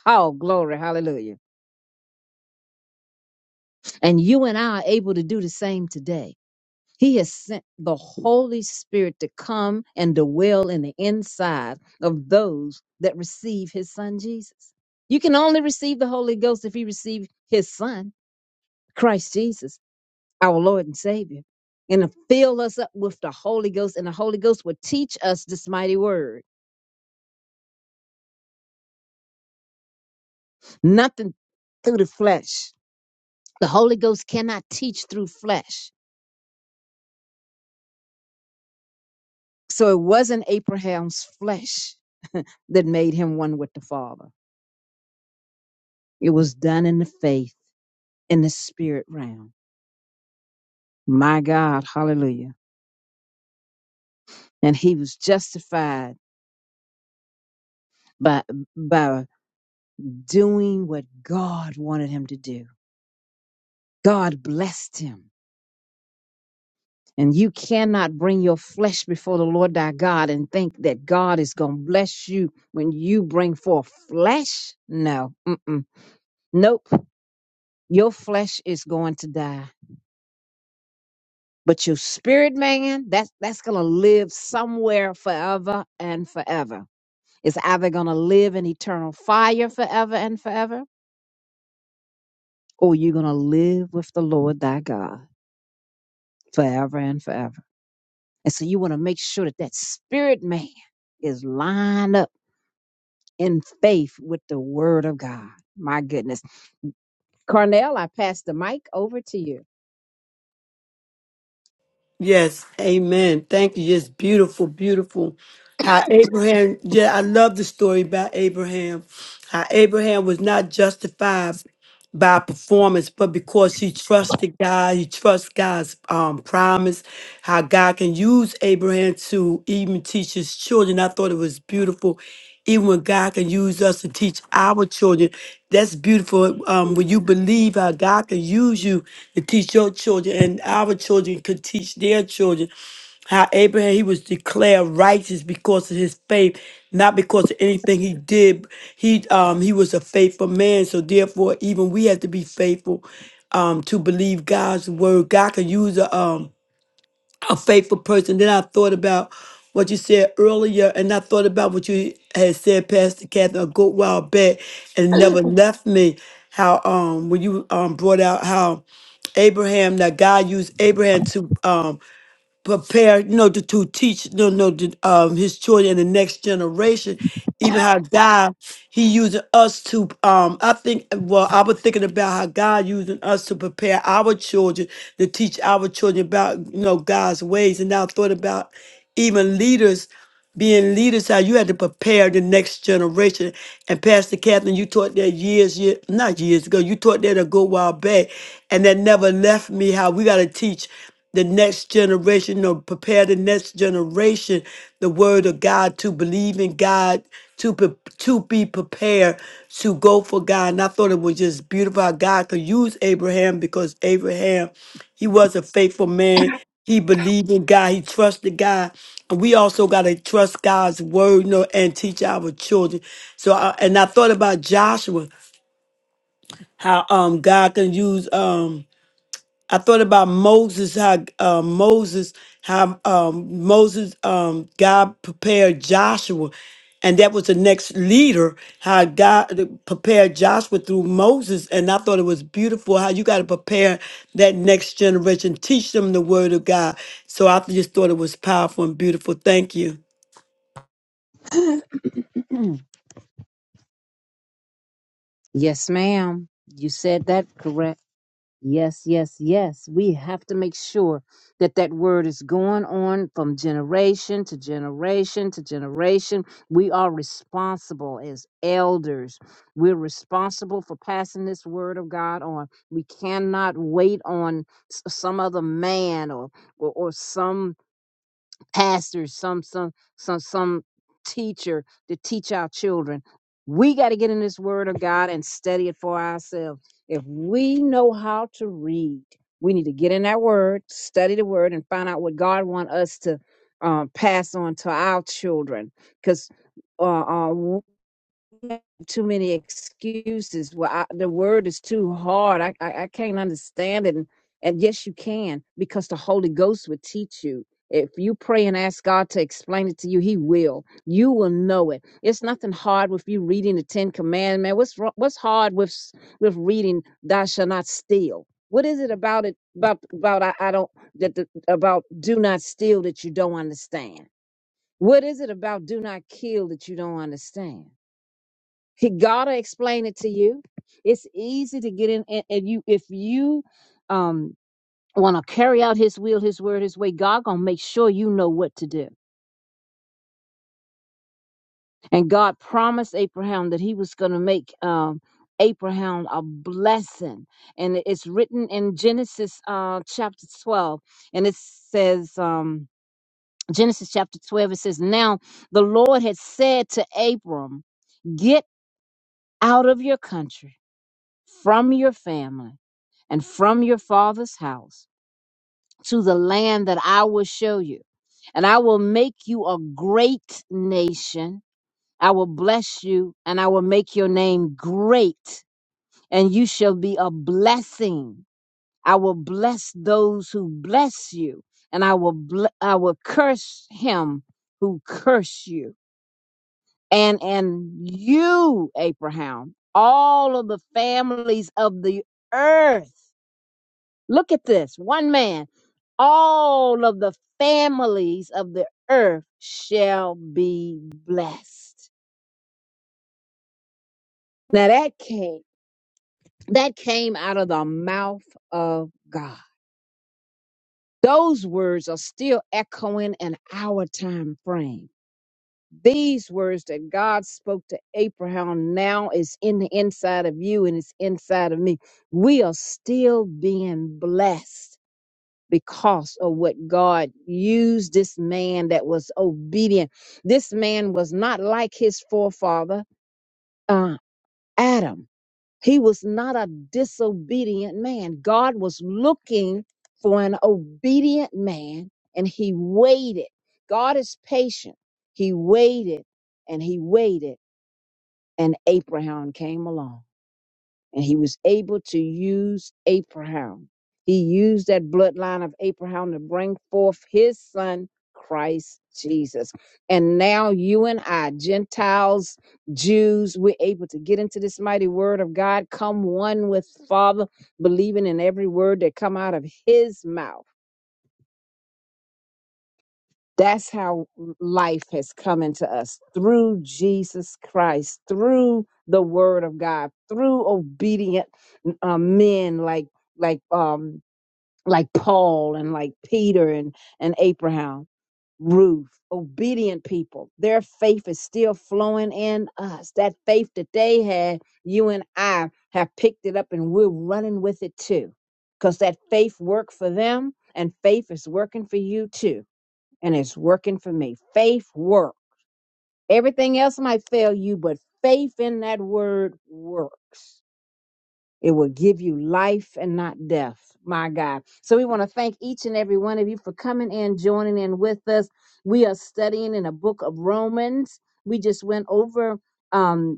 C: Oh, glory, hallelujah. And you and I are able to do the same today. He has sent the Holy Spirit to come and dwell in the inside of those that receive his son Jesus. You can only receive the Holy Ghost if you receive his son, Christ Jesus, our Lord and Savior. And to fill us up with the Holy Ghost, and the Holy Ghost will teach us this mighty word. Nothing through the flesh. The Holy Ghost cannot teach through flesh. So it wasn't Abraham's flesh that made him one with the Father. It was done in the faith, in the spirit realm. My God, hallelujah. And he was justified by, by doing what God wanted him to do. God blessed him. And you cannot bring your flesh before the Lord thy God and think that God is going to bless you when you bring forth flesh. No, mm-mm. nope. Your flesh is going to die But your spirit man, that's that's gonna live somewhere forever and forever. It's either gonna live in eternal fire forever and forever, or you're gonna live with the Lord thy God forever and forever. And so you want to make sure that that spirit man is lined up in faith with the word of God. My goodness. Carnell, I pass the mic over to you.
B: Yes. Amen. Thank you. It's beautiful, beautiful. How Abraham, yeah, I love the story about Abraham. How Abraham was not justified. by performance, but because he trusted God, he trusts God's um, promise, how God can use Abraham to even teach his children. I thought it was beautiful. Even when God can use us to teach our children, that's beautiful. Um, when you believe how God can use you to teach your children, and our children could teach their children how Abraham he was declared righteous because of his faith, not because of anything he did. He um he was a faithful man, so therefore even we have to be faithful um to believe God's word. God can use a um a faithful person. Then I thought about what you said earlier, and I thought about what you had said, Pastor Catherine, a good while back, and it never left me. How um when you um brought out how Abraham that God used Abraham to um prepare, you know, to, to teach, you know, to, um, his children and the next generation. Even how God, he using us to, um, I think, well, I was thinking about how God using us to prepare our children, to teach our children about, you know, God's ways. And now I thought about even leaders being leaders, how you had to prepare the next generation. And Pastor Catherine, you taught that years, year, not years ago, you taught that a good while back. And that never left me how we got to teach the next generation or prepare the next generation the word of God to believe in God, to, pre- to be prepared to go for God. And I thought it was just beautiful how God could use Abraham because Abraham. He was a faithful man. He believed in God. He trusted God. And we also got to trust God's word you know, and teach our children. So, I, and I thought about Joshua, how um God can use um I thought about Moses, how uh, Moses, how um, Moses, um, God prepared Joshua, and that was the next leader. How God prepared Joshua through Moses, and I thought it was beautiful how you got to prepare that next generation, teach them the word of God. So I just thought it was powerful and beautiful. Thank you.
C: <clears throat> yes, ma'am. You said that correct. Yes, yes, yes. We have to make sure that that word is going on from generation to generation to generation. We are responsible as elders. We're responsible for passing this word of God on. We cannot wait on s- some other man or or, or some pastors, some some some some teacher to teach our children. We got to get in this word of God and study it for ourselves. If we know how to read, we need to get in that word, study the word, and find out what God wants us to um, pass on to our children. Because too many excuses. Well, I, the word is too hard. I, I I can't understand it. And, and yes, you can because the Holy Ghost would teach you. If you pray and ask God to explain it to you, He will. You will know it. It's nothing hard with you reading the Ten Commandments. What's wro- what's hard with s- with reading "Thou shall not steal"? What is it about it about about I, I don't that the, about do not steal that you don't understand? What is it about do not kill that you don't understand? He gotta explain it to you. It's easy to get in, and, and you if you um want to carry out His will, His word, His way, God gonna make sure you know what to do. And God promised Abraham that He was gonna make um Abraham a blessing, and it- it's written in Genesis uh chapter twelve, and it says um. Genesis chapter 12, it says, Now the Lord had said to Abram, Get out of your country, from your family and from your father's house to the land that I will show you. And I will make you a great nation. I will bless you and I will make your name great, and you shall be a blessing. I will bless those who bless you, and I will ble- I will curse him who curse you. And and you, Abraham, all of the families of the earth Look at this one man. All of the families of the earth shall be blessed. Now that came, that came out of the mouth of God. Those words are still echoing in our time frame. These words that God spoke to Abraham now is in the inside of you and it's inside of me. We are still being blessed because of what God used this man that was obedient. This man was not like his forefather, uh, Adam. He was not a disobedient man. God was looking for an obedient man and he waited. God is patient. He waited and he waited, and Abraham came along and he was able to use Abraham. He used that bloodline of Abraham to bring forth his son, Christ Jesus. And now you and I, Gentiles, Jews, we're able to get into this mighty word of God, come one with Father, believing in every word that come out of his mouth. That's how life has come into us through Jesus Christ, through the Word of God, through obedient uh, men like like um like Paul and like Peter and and Abraham, Ruth, obedient people. Their faith is still flowing in us. That faith that they had, you and I have picked it up, and we're running with it too, because that faith worked for them, and faith is working for you too and it's working for me. Faith works. Everything else might fail you, but faith in that word works. It will give you life and not death. My God. So we want to thank each and every one of you for coming in, joining in with us. We are studying in the book of Romans. We just went over um,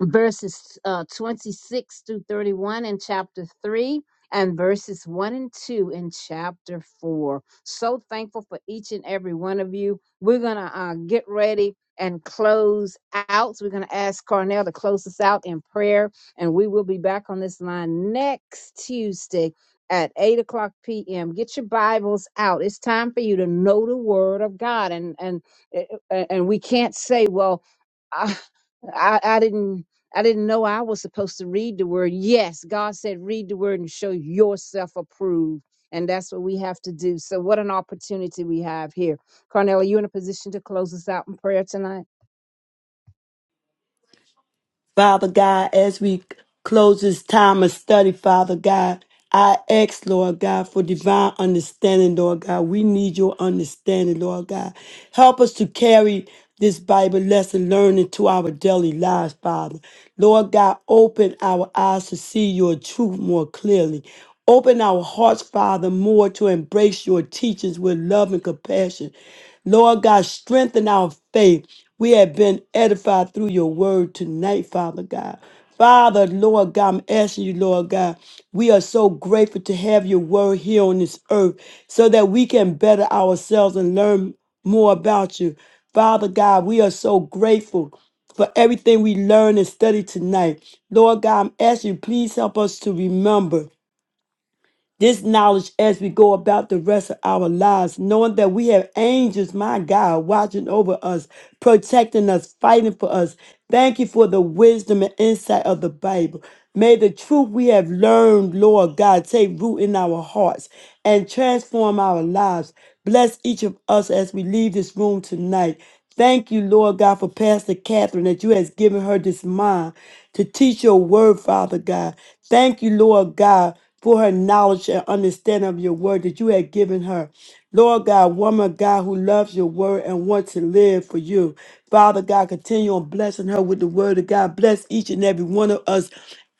C: verses uh, 26 through 31 in chapter 3 and verses 1 and 2 in chapter 4. So thankful for each and every one of you. We're going to uh, get ready and close out. So we're going to ask Carnell to close us out in prayer, and we will be back on this line next Tuesday. At 8 o'clock p.m., get your Bibles out. It's time for you to know the Word of God. And and eh, eh, and we can't say, well, I, I, I didn't I didn't know I was supposed to read the word. Yes, God said, read the word and show yourself approved. And that's what we have to do. So, what an opportunity we have here. Carnell, are you in a position to close us out in prayer tonight?
B: Father God, as we close this time of study, Father God, I ask, Lord God, for divine understanding, Lord God. We need your understanding, Lord God. Help us to carry this Bible lesson learned into our daily lives, Father. Lord God, open our eyes to see your truth more clearly. Open our hearts, Father, more to embrace your teachings with love and compassion. Lord God, strengthen our faith. We have been edified through your word tonight, Father God. Father, Lord God, I'm asking you, Lord God, we are so grateful to have your word here on this earth so that we can better ourselves and learn more about you. Father God, we are so grateful for everything we learned and studied tonight. Lord God, I'm asking you, please help us to remember this knowledge as we go about the rest of our lives, knowing that we have angels, my God, watching over us, protecting us, fighting for us. Thank you for the wisdom and insight of the Bible. May the truth we have learned, Lord God, take root in our hearts and transform our lives. Bless each of us as we leave this room tonight. Thank you, Lord God, for Pastor Catherine that you has given her this mind to teach your word, Father God. Thank you, Lord God, for her knowledge and understanding of your word that you had given her. Lord God, woman God who loves your word and wants to live for you. Father God, continue on blessing her with the word of God. Bless each and every one of us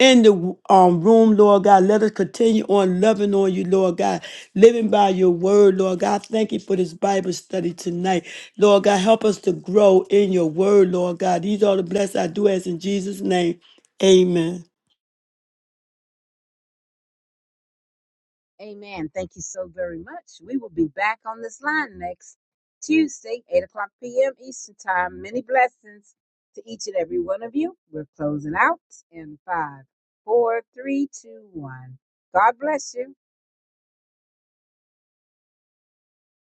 B: in the um, room, Lord God. Let us continue on loving on you, Lord God, living by your word, Lord God. Thank you for this Bible study tonight. Lord God, help us to grow in your word, Lord God. These are the blessings I do ask in Jesus' name. Amen.
C: Amen. Thank you so very much. We will be back on this line next Tuesday, 8 o'clock p.m. Eastern Time. Many blessings to each and every one of you. We're closing out in five, four, three, two, one. God bless you.